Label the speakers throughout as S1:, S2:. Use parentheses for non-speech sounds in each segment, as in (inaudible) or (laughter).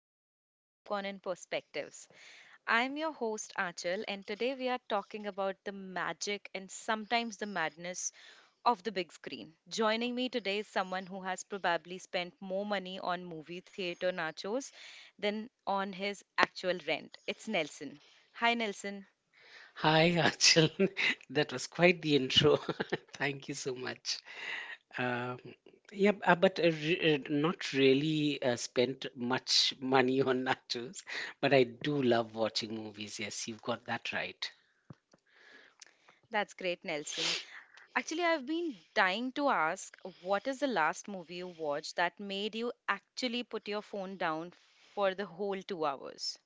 S1: welcome to Popcorn and Perspectives. I'm your host Achal, and today we are talking about the magic and sometimes the madness of the big screen. Joining me today is someone who has probably spent more money on movie theater nachos than on his actual rent. It's Nelson. Hi Nelson.
S2: Hi, Achal. (laughs) That was quite the intro. (laughs) Thank you so much. Um, not really spent much (laughs) money on nachos, but I do love watching movies. Yes, you've got that right.
S1: That's great, Nelson. Actually, I've been dying to ask what is the last movie you watched that made you actually put your phone down for the whole 2 hours?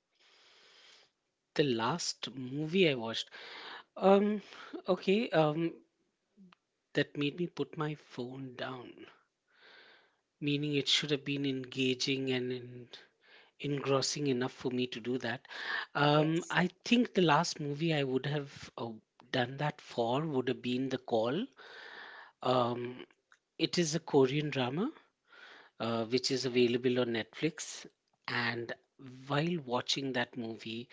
S2: The last movie I watched, um, okay, um, that made me put my phone down, meaning it should have been engaging and in engrossing enough for me to do that.
S1: Yes.
S2: I think the last movie I would have done that for would have been The Call. Um, it is a Korean drama which is
S1: Okay.
S2: available on Netflix. And while watching that movie,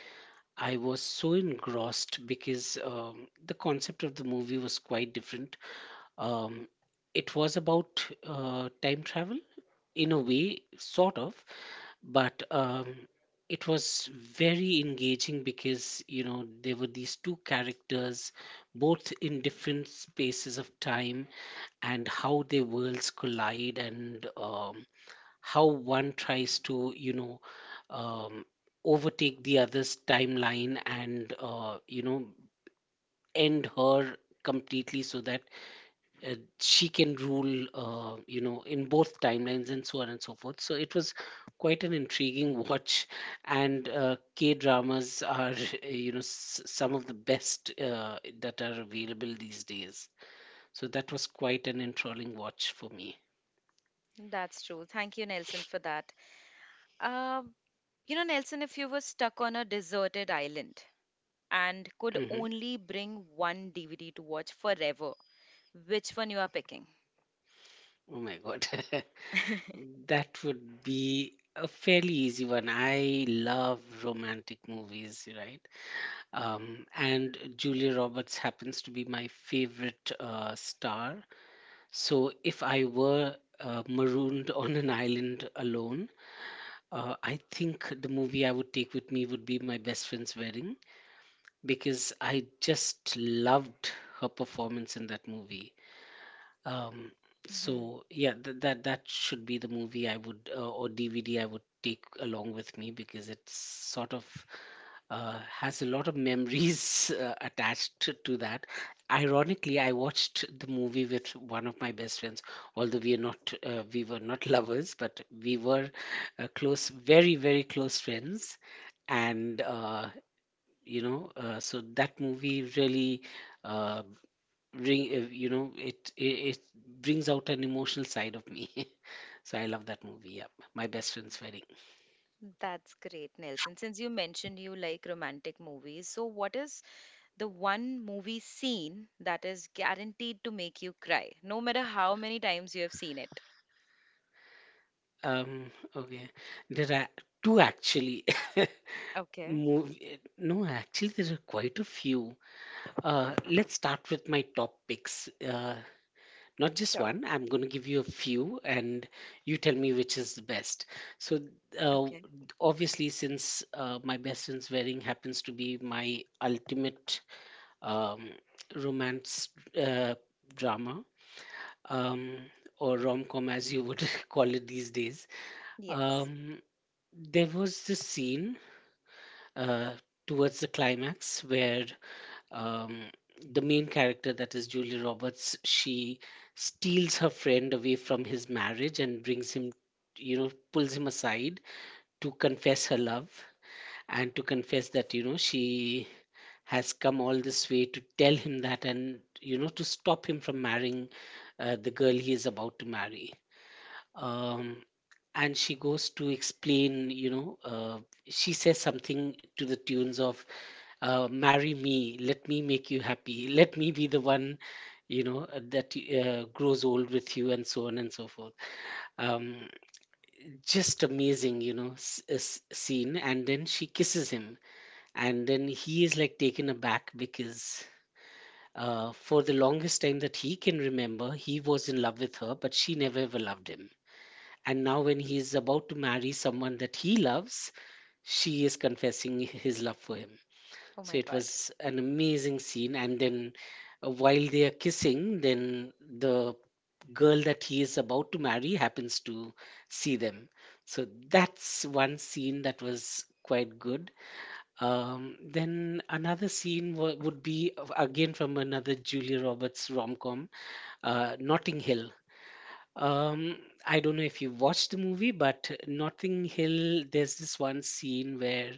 S2: I was so engrossed because the concept of the movie was quite different. Um, it was about time travel in a way, sort of, but it was very engaging because you know there were these two characters both in different spaces of time and how their worlds collide and how one tries to you know um, overtake the other's timeline and you know end her completely so that she can rule you know in both timelines and so on and so forth so it was quite an intriguing (laughs) watch and k dramas are (laughs) you know some of the best that are available these days so that was quite an enthralling watch for me.
S1: That's true. Thank you, Nelson, for that. Uh, you know, Nelson, if you were stuck on a deserted island and could
S2: Hmm.
S1: only bring one DVD to watch forever, which one you are picking? (laughs)
S2: Oh my god. (laughs) That would be a fairly easy one. I love romantic movies, right? And Julia Roberts happens to be my favorite star. So, if I were marooned (laughs) on an island alone, I think the movie I would take with me would be My Best Friend's Wedding because I just loved her performance in that movie. Um,
S1: Mhm.
S2: so, yeah, that should be the movie I would or DVD I would take along with me because it's sort of has a lot of memories (laughs) attached to that. Ironically, I watched the movie with one of my best friends. Although we are not, we were not (laughs) lovers, but we were close, very very close friends. And you know, so that movie really, uh, bring, you know, it brings out an emotional side of me. (laughs) So I love that movie. Yeah, my best friend's wedding.
S1: That's great, Nelson. Since you mentioned you like romantic movies, so what is the one movie scene that is guaranteed to make you cry, no matter how many times you have seen it?
S2: Okay, there are two actually. (laughs)
S1: Okay,
S2: Movie, no, actually, there are quite a few. Let's start with my top picks. Not just
S1: sure.
S2: one, I'm going to give you a few and you tell me which is the best. So, uh,
S1: Okay.
S2: obviously, since My Best Friend's Wedding happens to be my ultimate um, romance uh, drama um, or rom com, as you would (laughs) call it these days,
S1: Yes.
S2: um, there was this scene uh, towards the climax where um, the main character that is Julia Roberts, she steals her friend away from his marriage and brings him, you know, pulls him aside to confess her love and to confess that, you know, she has come all this way to tell him that and, you know, to stop him from marrying the girl he is about to marry. Um, and she goes to explain, you know, she says something to the tunes of marry me, let me make you happy, let me be the one, you know, that grows old with you and so on and so forth. um, just amazing, you know, scene, and then she kisses him, and then he is like taken aback because for the longest time that he can remember he was in love with her but she never ever loved him, and now when he is about to marry someone that he loves, she is confessing his love for him.
S1: Oh
S2: So
S1: my
S2: it
S1: God.
S2: was an amazing scene. And then while they are kissing, then the girl that he is about to marry happens to see them. So that's one scene that was quite good. Then another scene would be again from another Julia Roberts rom com, Notting Hill. Um, I don't know if you watched the movie, but Notting Hill, there's this one scene where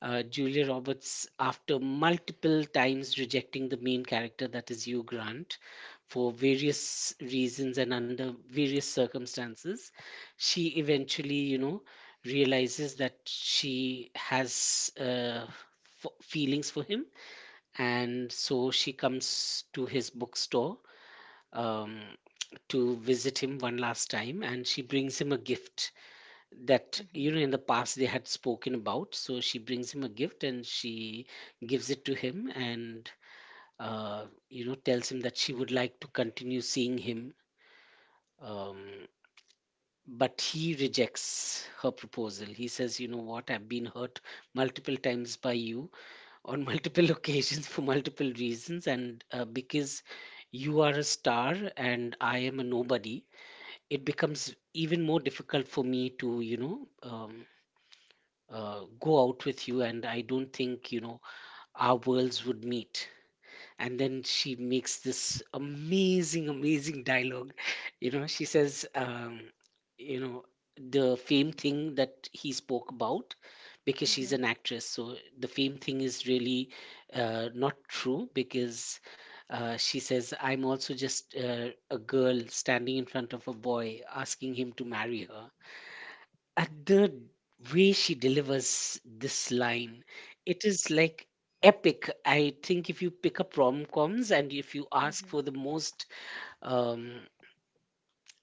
S2: Julia Roberts, after multiple times rejecting the main character, that is Hugh Grant, for various reasons and under various circumstances, she eventually, you know, realizes that she has feelings for him. And so she comes to his bookstore um, to visit him one last time and she brings him a gift that
S1: Mm-hmm.
S2: you know in the past they had spoken about, so she brings him a gift and she gives it to him and you know tells him that she would like to continue seeing him, um, but he rejects her proposal. He says, you know what, I've been hurt multiple times by you on multiple (laughs) occasions for multiple reasons, and because you are a star and I am a nobody, it becomes even more difficult for me to, you know, go out with you, and I don't think, you know, our worlds would meet. And then she makes this amazing amazing dialogue. (laughs) You know, she says, you know, the fame thing that he spoke about, because she's an actress, so the fame thing is really not true, because she says, I'm also just a girl standing in front of a boy asking him to marry her. At the way she delivers this line, it is like epic. I think if you pick up rom-coms and if you ask
S1: Mm-hmm.
S2: for the most um,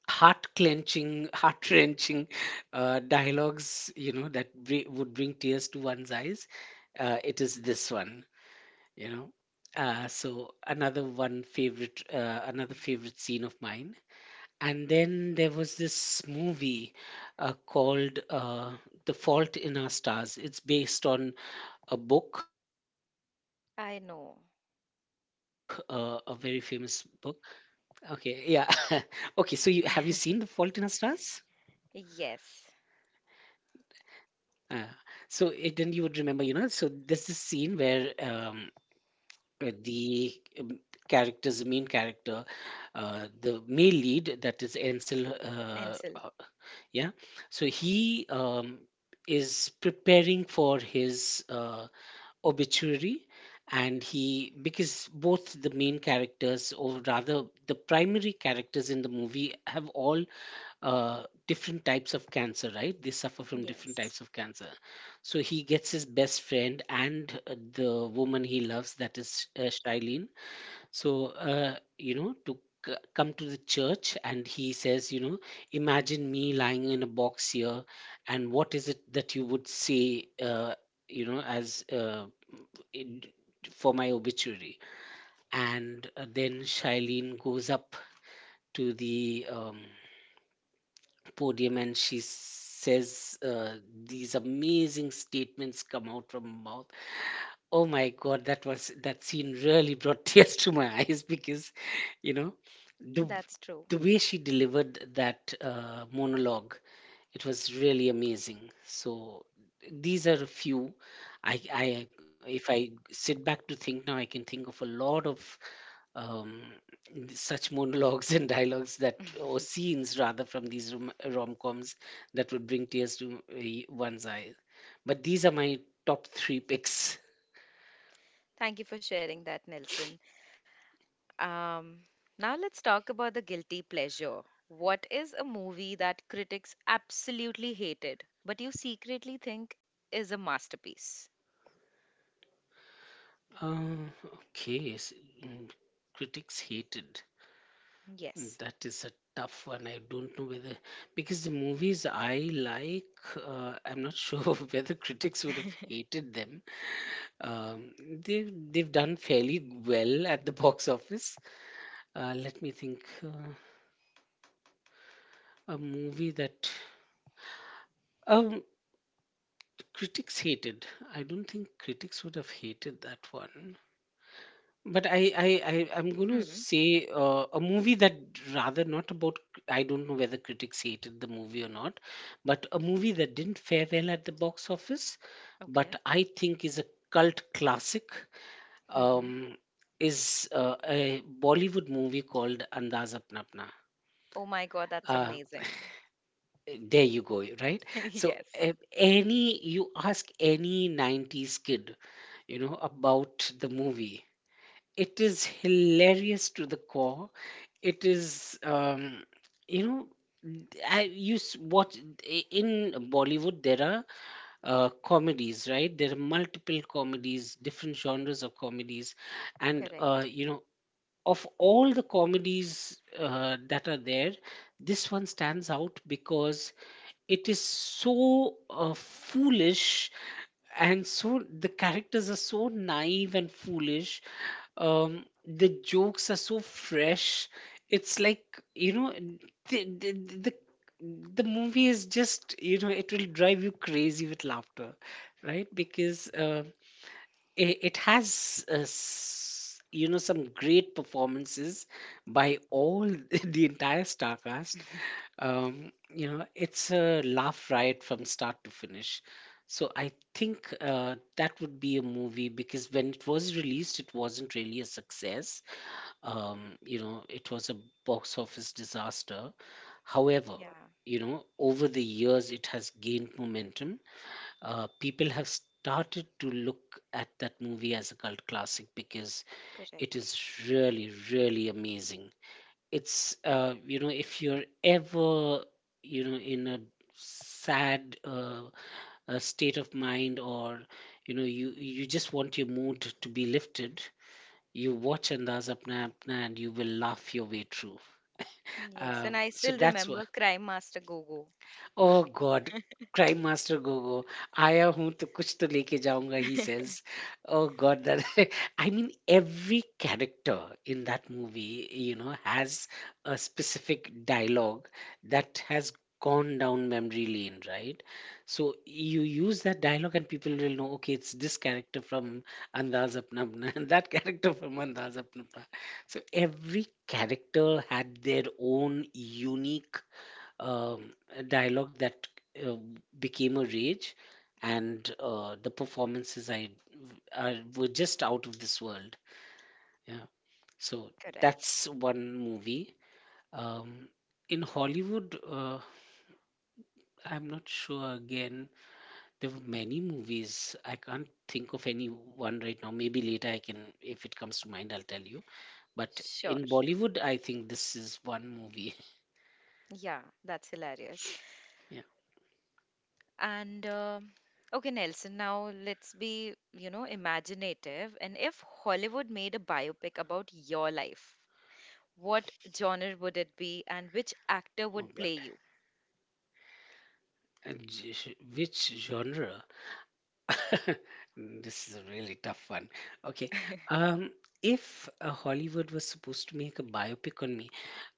S2: heart clenching, heart wrenching (laughs) dialogues, you know, that would bring tears to one's eyes, it is this one, you know. So another one favorite, another favorite scene of mine. And then there was this movie called The Fault in Our Stars. It's based on a book, a very famous
S1: I
S2: book.
S1: know.
S2: Okay, yeah. (laughs) Okay, so you have you seen The Fault in Our Stars?
S1: Yes.
S2: Uh, so it, then you would remember, you know. So there's this scene where the um, characters, the main character, the male lead, that is Ansel,
S1: Ansel.
S2: yeah, so he is preparing for his obituary, and he, because both the main characters, or rather the primary characters in the movie have all different types of cancer, right, they suffer from different
S1: Yes.
S2: types of cancer. So he gets his best friend and the woman he loves, that is Shailene, so, you know, to come to the church, and he says, you know, imagine me lying in a box here, and what is it that you would say, you know, as in, for my obituary? And then Shailene goes up to the podium and she says, these amazing statements come out from her mouth. Oh my God, that was, that scene really brought (laughs) tears to my eyes because, you know, the
S1: That's true.
S2: the way she delivered that monologue, it was really amazing. So these are a few. I If I sit back to think now, I can think of a lot of um, such monologues (laughs) and dialogues that, or scenes rather, from these rom-coms that would bring tears to one's eye. But these are my top three picks.
S1: Thank you for sharing that, Nelson. Um, Now let's talk about the guilty pleasure. What is a movie that critics absolutely hated, but you secretly think is a masterpiece?
S2: Uh, okay, s- mm, critics hated.
S1: Yes.
S2: That is a tough one. I don't know whether, because the movies I like, I'm not sure (laughs) whether critics would have hated them. Um, they they've done fairly well at the box office. Let me think. Uh, a movie that um critics hated. I don't think critics would have hated that one. But I'm going to
S1: Hmm.
S2: say a movie that, rather not about. I don't know whether critics hated the movie or not, but a movie that didn't fare well at the box office,
S1: Okay.
S2: but I think is a cult classic.
S1: Hmm.
S2: Um, is a Bollywood movie called Andaz Apna Apna.
S1: Oh my God, that's
S2: Uh,
S1: amazing. (laughs)
S2: there you go, right? So
S1: Yes.
S2: any, you ask any '90s kid, you know, about the movie. It is hilarious to the core. It is you know n- I use what in Bollywood there are comedies, right? There are multiple comedies, different genres of comedies, and uh,
S1: Correct.
S2: you know of all the comedies that are there, this one stands out because it is so foolish, and so the characters are so naive and foolish. The jokes are so fresh. It's like, you know the, the, the the movie is just, it will drive you crazy with laughter, right? Because it has some great performances by all (laughs) the entire star cast. It's a laugh riot from start to finish. So I think that would be a movie, because when it was released it wasn't really a success. It was a box office disaster. However,
S1: Yeah.
S2: you know, over the years it has gained momentum. People have started to look at that movie as a cult classic because it
S1: Correct.
S2: is really, really amazing. It's you know if you're ever, you know, in a sad state of mind, or you know, you just want your mood to be lifted, you watch Andaz Apna Apna and you will laugh your way through.
S1: Yes. And I
S2: So
S1: still
S2: that's what
S1: remember Crime Master Gogo.
S2: Oh God, Crime Master Gogo, आया हूं तो कुछ तो लेके जाऊंगा, he says.
S1: (laughs)
S2: Oh God, that. (laughs) Every character in that movie, has a specific dialogue that has gone down memory lane, right? So you use that dialogue and people will know, okay, it's this character from Andaz Apna Apna and (laughs) that character from Andaz Apna Apna. So every character had their own unique a dialogue that uh, became a rage, and the performances were just out of this world. Yeah, so
S1: Correct.
S2: that's one movie. Um, in Hollywood, I'm not sure. Again, there were many movies. I can't think of any one right now. Maybe later I can, if it comes to mind, I'll tell you. But
S1: Sure.
S2: in Bollywood, I think this is one movie.
S1: Yeah, that's hilarious.
S2: (laughs) Yeah.
S1: And okay, Nelson, now let's be, you know, imaginative. And if Hollywood made a biopic about your life, what genre would it be and which actor
S2: Oh
S1: would
S2: God.
S1: play you?
S2: Which genre? (laughs) This is a really tough one. Okay.
S1: (laughs)
S2: Um, if Hollywood was supposed to make a biopic on me,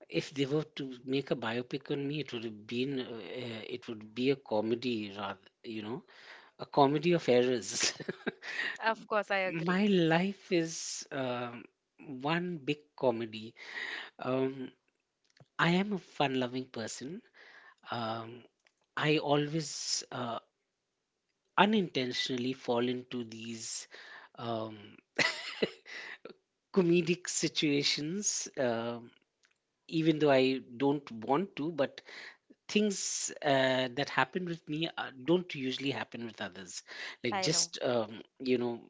S2: if they were to make a biopic on me, it would have been, it would be a comedy rather, you know, a comedy of errors.
S1: Of course, I
S2: (laughs)
S1: agree.
S2: My life is one big comedy. Um, I am a fun-loving person. Um, I always unintentionally fall into these. Um, Comedic situations, even though I don't want to, but things that happen with me don't usually happen with others. Like
S1: I know.
S2: just,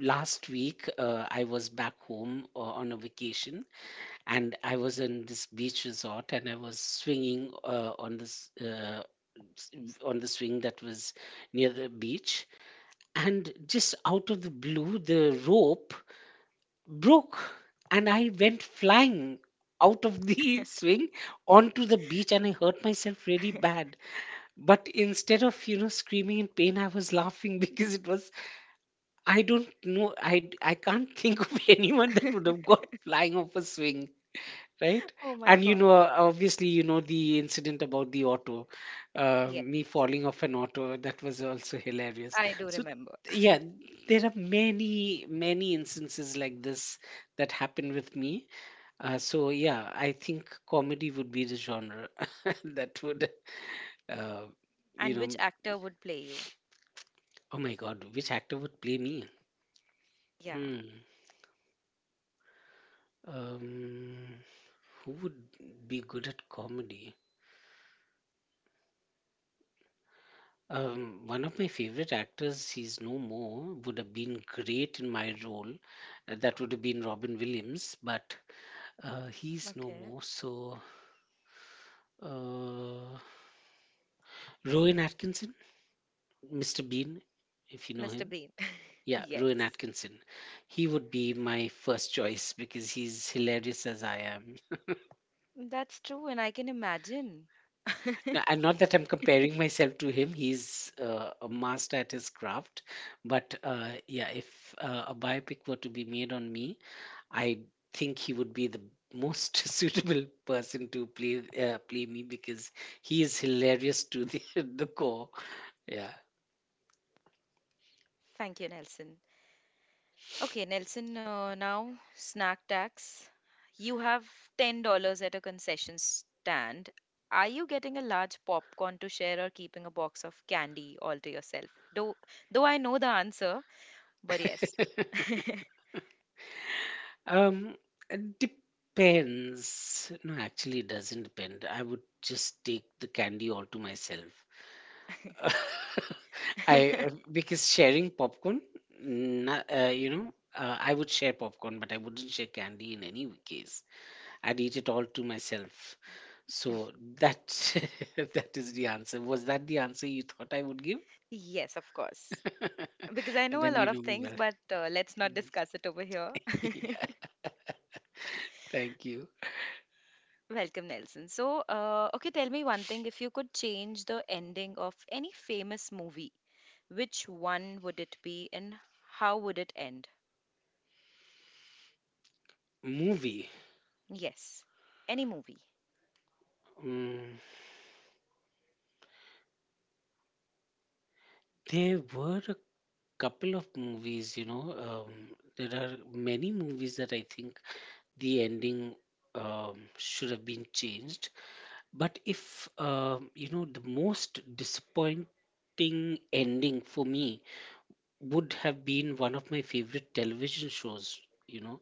S2: last week I was back home on a vacation, and I was in this beach resort and I was swinging on this on the swing that was near the beach, and just out of the blue the rope broke and I went flying out of the (laughs) swing onto the beach, and I hurt myself really bad. But instead of, you know, screaming in pain I was laughing, (laughs) because it was, I don't know, I can't think of (laughs) anyone that would have
S1: (laughs)
S2: gone flying off a swing, right?
S1: Oh my
S2: And you know,
S1: God.
S2: obviously, you know the incident about the auto,
S1: Yes,
S2: me falling off an auto. That was also hilarious.
S1: I do
S2: So
S1: remember.
S2: yeah, there are many, many instances like this that happen with me. So yeah, I think comedy would be the genre (laughs) that would, uh, you
S1: And
S2: know,
S1: which actor would play you?
S2: oh my God, which actor would play me?
S1: Yeah.
S2: Hmm. Um, who would be good at comedy? One of my favorite actors, he's no more, would have been great in my role. That would have been Robin Williams, but he's no
S1: Okay.
S2: more. So, uh, Rowan Atkinson, Mr. Bean, if you know
S1: Mr.
S2: him.
S1: Bean. (laughs)
S2: Yeah, Rowan
S1: Yes,
S2: Atkinson. He would be my first choice because he's hilarious as I am.
S1: that's true. And I can imagine. (laughs)
S2: And not that I'm comparing myself to him, he's a master at his craft. But yeah, if a biopic were to be made on me, I think he would be the most (laughs) suitable person to play play me because he is hilarious to the, (laughs) the core. Yeah.
S1: Thank you, Nelson. Okay, Nelson, now snack tax. You have $10 at a concession stand. Are you getting a large popcorn to share or keeping a box of candy all to yourself? Though, though I know the answer, but yes. (laughs)
S2: (laughs) Um, it depends. No, actually, it doesn't depend. I would just take the candy all to myself. (laughs) I, because sharing popcorn, I would share popcorn, but I wouldn't share candy in any case. I did it all to myself. So that, (laughs) that is the answer. Was that the answer you thought I would give?
S1: Yes, of course. Because I
S2: (laughs)
S1: know a
S2: Then you
S1: lot of
S2: know me
S1: things,
S2: well.
S1: but let's not
S2: Mm,
S1: discuss it over here.
S2: (laughs) yeah, thank you.
S1: (laughs) Welcome, Nelson. So, okay, tell me one thing. If you could change the ending of any famous movie, which one would it be and how would it end?
S2: Movie.
S1: Yes. Any movie.
S2: Mm, there were a couple of movies, you know. Um, there are many movies that I think the ending should have been changed. But if, the most disappointing ending for me would have been one of my favorite television shows. You know,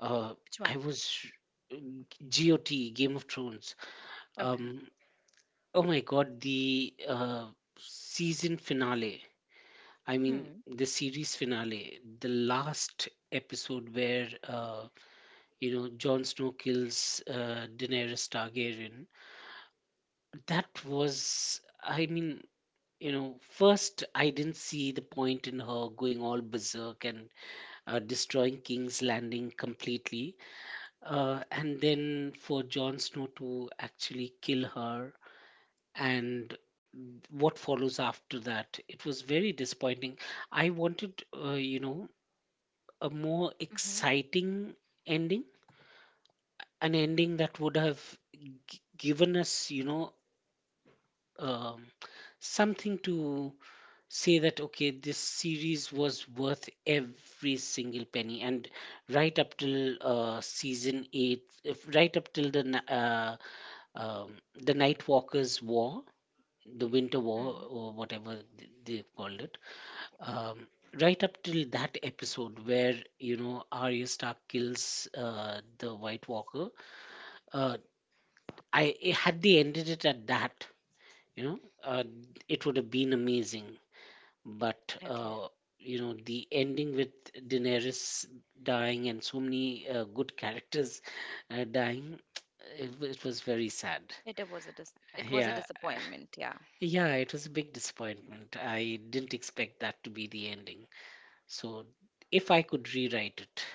S2: uh,
S1: Which
S2: I
S1: one?
S2: was GOT, Game of Thrones.
S1: Okay.
S2: Um, oh my God, the season finale. I mean,
S1: Hmm.
S2: the series finale, the last episode where, you know, Jon Snow kills Daenerys Targaryen. That was, I mean, you know, first I didn't see the point in her going all berserk and destroying King's Landing completely, and then for Jon Snow to actually kill her, and what follows after that. It was very disappointing. I wanted, a more
S1: Mm-hmm.
S2: exciting ending, an ending that would have given us, you know, um, something to say that okay, this series was worth every single penny. And right up till season 8, if right up till um, the night walkers war, the winter war
S1: Hmm.
S2: or whatever they called it, um, right up till that episode where, you know, Arya Stark kills the White Walker, uh, I had they ended it at that, you know, it would have been amazing. But
S1: Okay.
S2: the ending with Daenerys dying and so many good characters dying, (tsk) it was very sad.
S1: It it was a
S2: Yeah,
S1: disappointment. Yeah.
S2: yeah, it was a big disappointment. I didn't expect that to be the ending. So if I could rewrite it,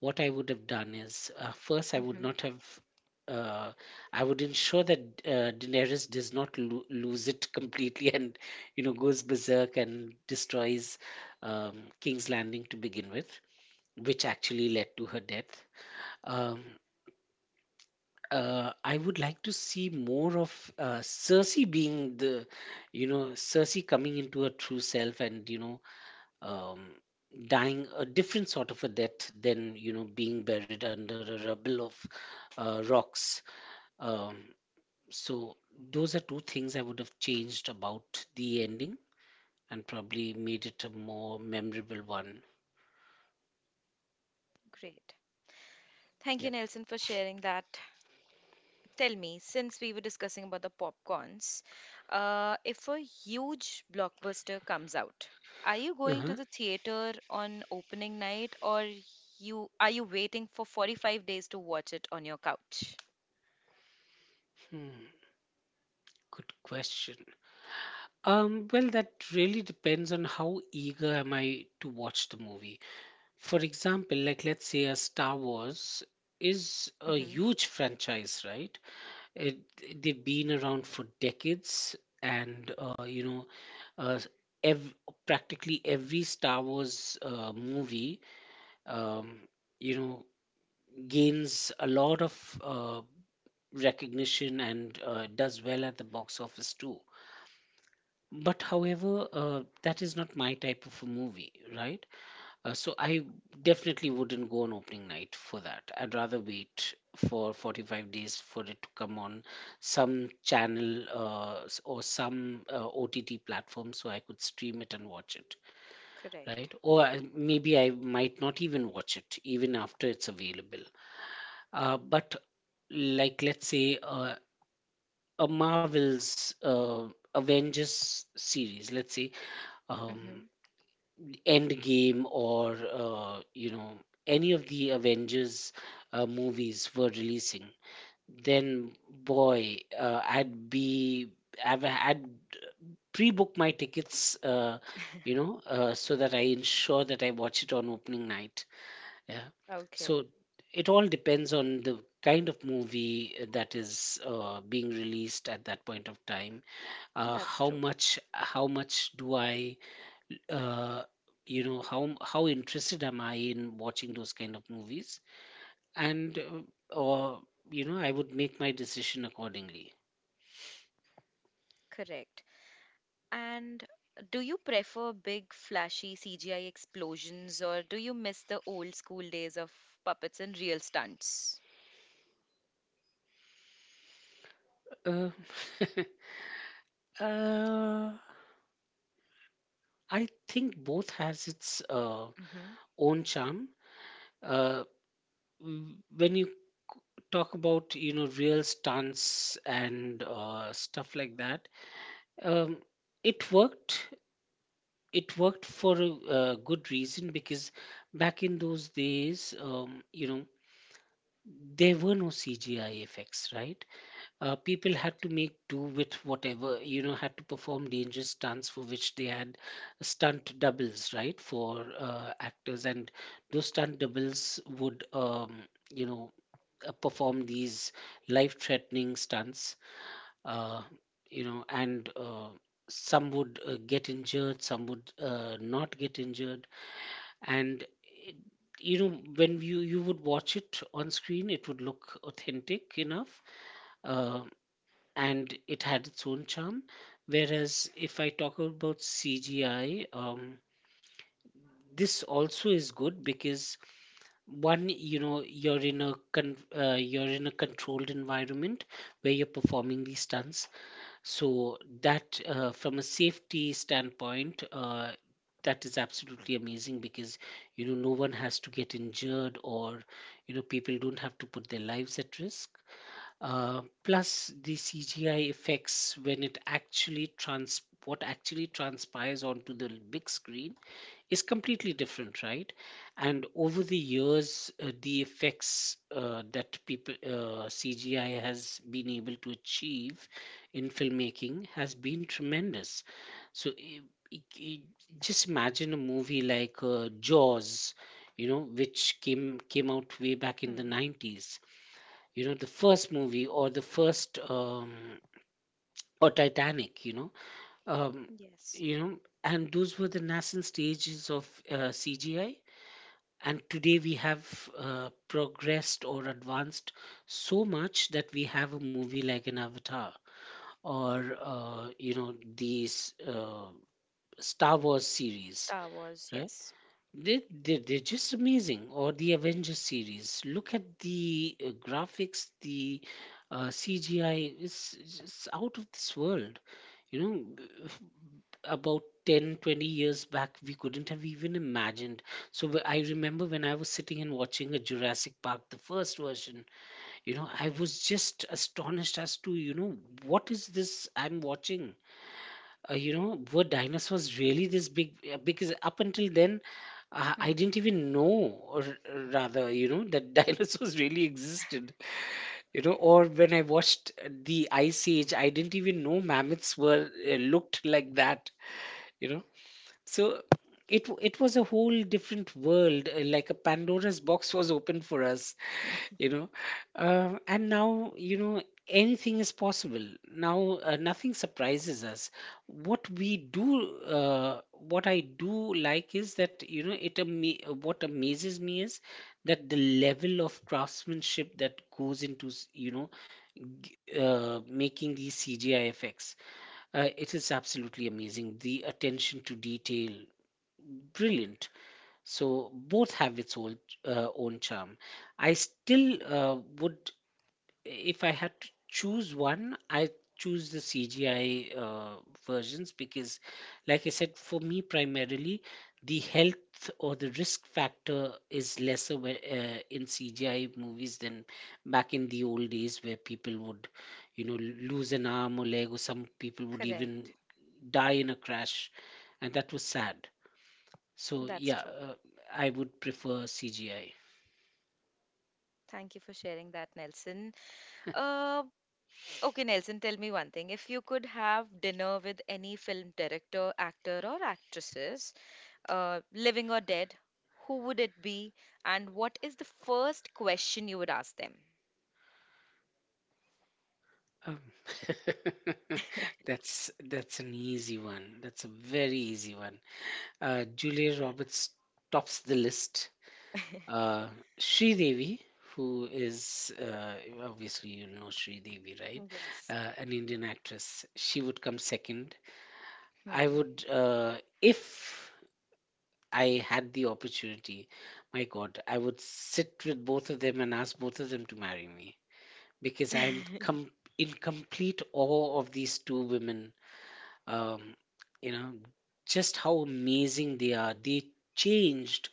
S2: what I would have done is, first I would
S1: Mm-hmm.
S2: not have, uh, I would ensure that Daenerys does not lose it completely (laughs) and you know goes berserk and destroys um, King's Landing to begin with, which actually led to her death. Um, I would like to see more of Cersei being the, you know, Cersei coming into her true self, and you know, um, dying a different sort of a death than, you know, being buried under a rubble of rocks. Um, so those are two things I would have changed about the ending, and probably made it a more memorable one.
S1: Great. Thank you,
S2: Yep.
S1: Nelson, for sharing that. Tell me, since we were discussing about the popcorns, if a huge blockbuster comes out, are you going to
S2: Uh-huh.
S1: the theater on opening night, or you are you waiting for 45 days to watch it on your couch?
S2: Hmm. Good question. Um, well, that really depends on how eager am I to watch the movie. For example, like let's say a Star Wars is a
S1: Mm-hmm.
S2: huge franchise, right? It, they've been around for decades, and uh, s- ev- practically every Star Wars movie, um, you know, gains a lot of recognition, and does well at the box office too. But however, that is not my type of a movie, right? So I definitely wouldn't go on opening night for that. I'd rather wait for 45 days for it to come on some channel, or some OTT platform, so I could stream it and watch it,
S1: Correct.
S2: right? Or I, maybe I might not even watch it even after it's available. But like let's say a Marvel's Avengers series, let's say.
S1: Mm-hmm.
S2: Um, Endgame, or any of the Avengers movies were releasing, then boy, I'd pre-book my tickets, so that I ensure that I watch it on opening night. Yeah,
S1: Okay.
S2: so it all depends on the kind of movie that is being released at that point of time.
S1: That's true.
S2: How much do I, uh, you know, how interested am I in watching those kind of movies, and or you know, I would make my decision accordingly.
S1: Correct. And do you prefer big, flashy CGI explosions, or do you miss the old school days of puppets and real stunts?
S2: uh, (laughs) uh, I think both has its
S1: Mm-hmm.
S2: own charm. uh, when you talk about, you know, real stunts and stuff like that, um, it worked, it worked for a good reason, because back in those days, there were no CGI effects, right? People had
S1: Correct.
S2: to make do with whatever, you know, had to perform dangerous stunts for which they had stunt doubles, right, for actors. And those stunt doubles would, you know, perform these life threatening stunts, uh, you know, and some would get injured, some would not get injured, and it, you know, when you, would watch it on screen it would look authentic enough. uh, and it had its own charm. Whereas if I talk about CGI, this also is good because, one, you know, you're in a you're in a controlled environment where you're performing these stunts, so that, from a safety standpoint, that is absolutely amazing because, you know, no one has to get injured, or you know, people don't have to put their lives at risk. Plus the CGI effects when it actually trans what actually transpires onto the big screen is completely different, right? And over the years, the effects that people CGI has been able to achieve in filmmaking has been tremendous. So i i- i- just imagine a movie like Jaws, you know, which came out way back in the
S1: Hmm.
S2: nineties. You know, the first movie or the first or Titanic. Um,
S1: Yes.
S2: you know, and those were the nascent stages of CGI, and today we have progressed or advanced so much that we have a movie like an Avatar, or you know these Star Wars series,
S1: Star Wars,
S2: right?
S1: yes.
S2: They're just amazing. Or the Avengers series, look at the graphics, the CGI is out of this world, you know. About 10 20 years back we couldn't have even imagined. I remember when I was sitting and watching a Jurassic Park, the first version. You know, I was just astonished as to, you know, what is this I'm watching? Were dinosaurs really this big? Because up until then I
S1: Hmm.
S2: didn't even know, or rather, you know, that (laughs) dinosaurs really existed. You know, or when I watched the Ice Age, I didn't even know mammoths were looked like that, you know. So it was a whole different world, like a Pandora's box was open for us, you know. And now, you know, anything is possible. Now nothing surprises us. What I do like is that, you know, what amazes me is that the level of craftsmanship that goes into making these CGI effects. It is absolutely amazing. The attention to detail, brilliant. So both have its own own charm. I still would, if I had to choose one, I choose the CGI versions, because, like I said, for me primarily, the health or the risk factor is lesser in CGI movies than back in the old days where people would, you know, lose an arm or leg, or some people would even
S1: Correct.
S2: die in a crash, and that was sad. So
S1: That's
S2: yeah,
S1: true.
S2: I would prefer CGI.
S1: Thank you for sharing that, Nelson. Uh, okay, Nelson, tell me one thing. If you could have dinner with any film director, actor, or actresses, living or dead, who would it be? And what is the first question you would ask them?
S2: Um, (laughs)
S1: (laughs)
S2: that's an easy one. That's a very easy one. Julia Roberts tops the list.
S1: (laughs)
S2: Uh, Sri Devi, who is, obviously, you know Sri Devi, right?
S1: Yes.
S2: An Indian actress. She would come second. I
S1: Hmm.
S2: would, uh, if I had the opportunity, my God, I would sit with both of them and ask both of them to marry me because
S1: (laughs)
S2: in complete awe of these two women. um, you know, just how amazing they are. They changed,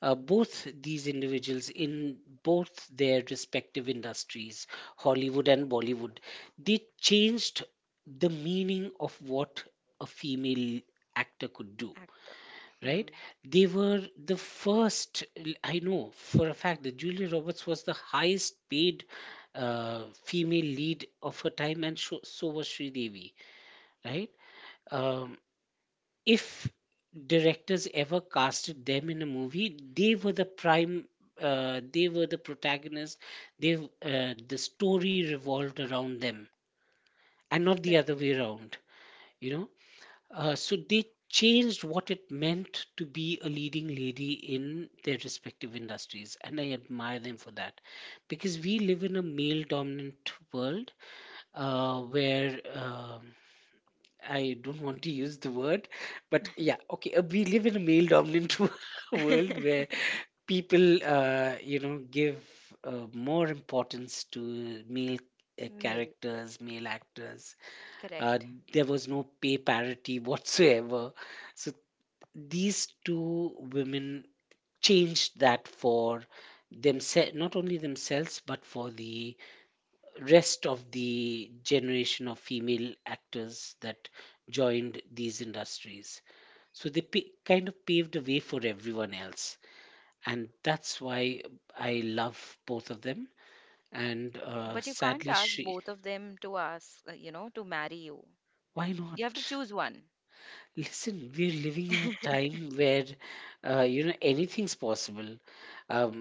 S2: both these individuals, in both their respective industries, Hollywood and Bollywood. They changed the meaning of what a female actor could do,
S1: Actor.
S2: right?
S1: Hmm.
S2: They were the first. I know for a fact that Julia Roberts was the highest paid female lead of her time, and so was Sridevi, right? Um, if directors ever casted them in a movie, they were the prime, they were the protagonist. The story revolved around them and not the other
S1: Correct.
S2: way around, you know. So they changed what it meant to be a leading lady in their respective industries, and I admire them for that because we live in a male dominant world, where I don't want to use the word, but yeah, okay. We live in a male dominant (laughs) world
S1: (laughs)
S2: where people, you know, give more importance to male
S1: Male.
S2: characters, male actors. Uh,
S1: Correct.
S2: there was no pay parity (laughs) whatsoever. So these two women changed that for themselves, not only themselves, but for the rest of the generation of female actors that joined these industries. So they kind of paved the way for everyone else. And that's why I love both of them. And
S1: But you can't
S2: sadly,
S1: ask
S2: she.
S1: both of them to ask, you know, to marry you.
S2: Why
S1: You have to
S2: not?
S1: choose one.
S2: Listen, we're living in a
S1: (laughs)
S2: time where, you know, anything's possible. Um,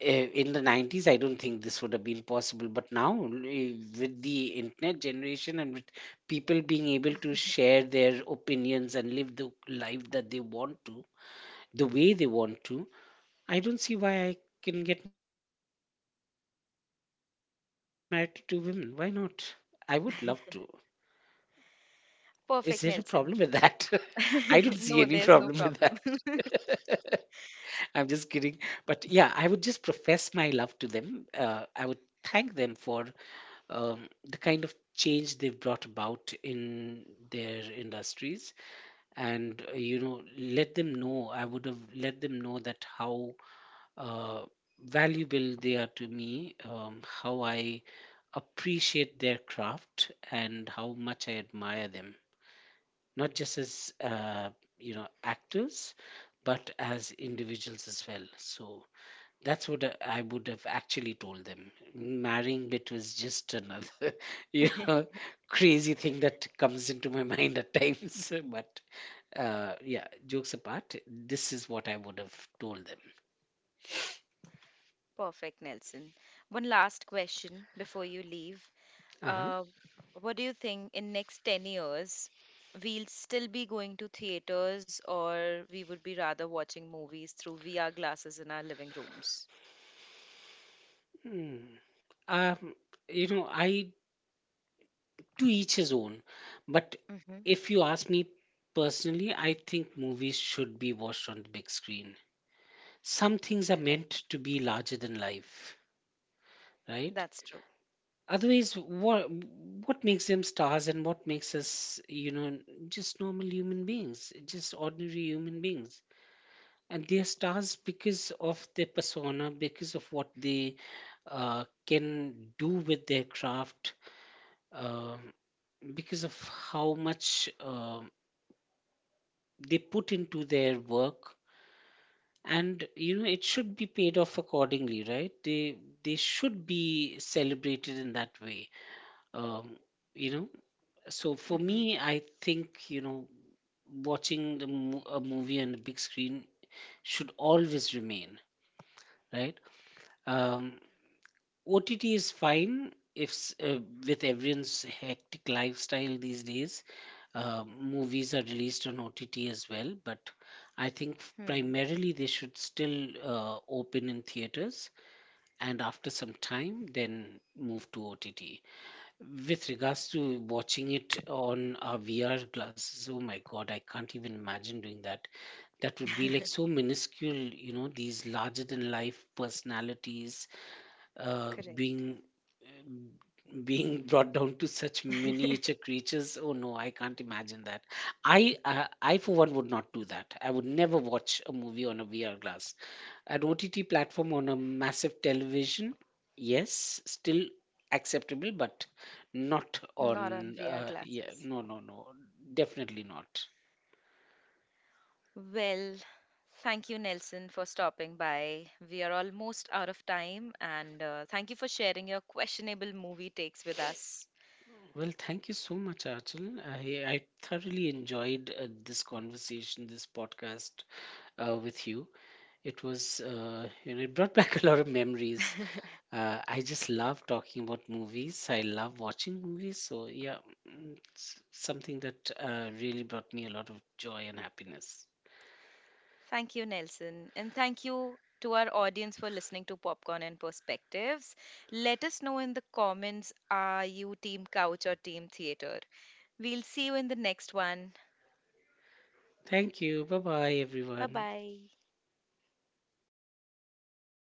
S2: in the 90s, I don't think this would have been possible. But now, with the internet generation, and with people being able to share their opinions and live the life that they want to, the way they want to, I don't see why I can get married to two women. Why not? I would love to. Is there a problem with that? (laughs) I
S1: Perfect,
S2: don't see
S1: Nelson.
S2: any problem with that.
S1: (laughs) No, there's no problem.
S2: I'm just kidding. But yeah, I would just profess my love to them. I would thank them for um, the kind of change they've brought about in their industries. And you know, let them know, I would have let them know that how uh, valuable they are to me. How I appreciate their craft and how much I admire them, not just as actors, but as individuals as well. So that's what I would have actually told them. Marrying bit was just another (laughs) you
S1: (laughs)
S2: know crazy thing that comes into my mind at times. (laughs) But yeah, jokes apart, this is what I would have told them.
S1: Perfect, Nelson. One last question before you leave.
S2: Uh-huh.
S1: Uh, what do you think in next 10 years we'll still be going to theaters or we would be rather watching movies through VR glasses in our living rooms?
S2: Hmm. um, you know, I, to each his own. But
S1: Mm-hmm.
S2: if you ask me personally, I think movies should be watched on the big screen. Some things are meant
S1: Correct.
S2: to be larger than life, right?
S1: That's true.
S2: Otherwise what makes them stars, and what makes us, you know, just normal human beings, just ordinary human beings? And they are stars because of their persona, because of what they can do with their craft, uh, because of how much they put into their work. And you know, it should be paid off accordingly, right? They should be celebrated in that way. um you know so for
S1: Mm-hmm.
S2: me, I think, you know, watching a movie on the big screen should always remain, right? um OTT is fine. If s- With everyone's hectic lifestyle these days, movies are released on OTT as well. But I think
S1: Hmm.
S2: primarily they should still open in theaters, and after some time, then move to OTT. With regards to watching it on our VR glasses, oh my God, I can't even imagine doing that. That would be like so minuscule, you know, these larger than life personalities
S1: (laughs)
S2: uh,
S1: Correct.
S2: being um, being brought down to such miniature creatures. Oh no, I can't imagine that. I for one would not do that. I would never watch a movie on a VR glass. An OTT platform on a massive television, yes, still acceptable, but not
S1: (laughs) Not on
S2: on,
S1: VR
S2: yeah,
S1: glasses.
S2: no. Definitely not.
S1: Well, thank you, Nelson, for stopping by. We are almost out of time, and thank you for sharing your questionable movie takes with us.
S2: Well, thank you so much, Achal. I thoroughly enjoyed this conversation, this podcast with you. It was, you know, it brought back (laughs) a lot of memories.
S1: (laughs)
S2: I just love talking about movies. I love watching movies. So, yeah, it's something that really brought me a lot of joy and happiness.
S1: Thank you, Nelson. And thank you to our audience for listening to Popcorn and Perspectives. Let us know in the comments are you Team Couch or Team Theater? We'll see you in the next one.
S2: Thank you. Bye bye,
S1: Bye
S2: everyone.
S1: bye.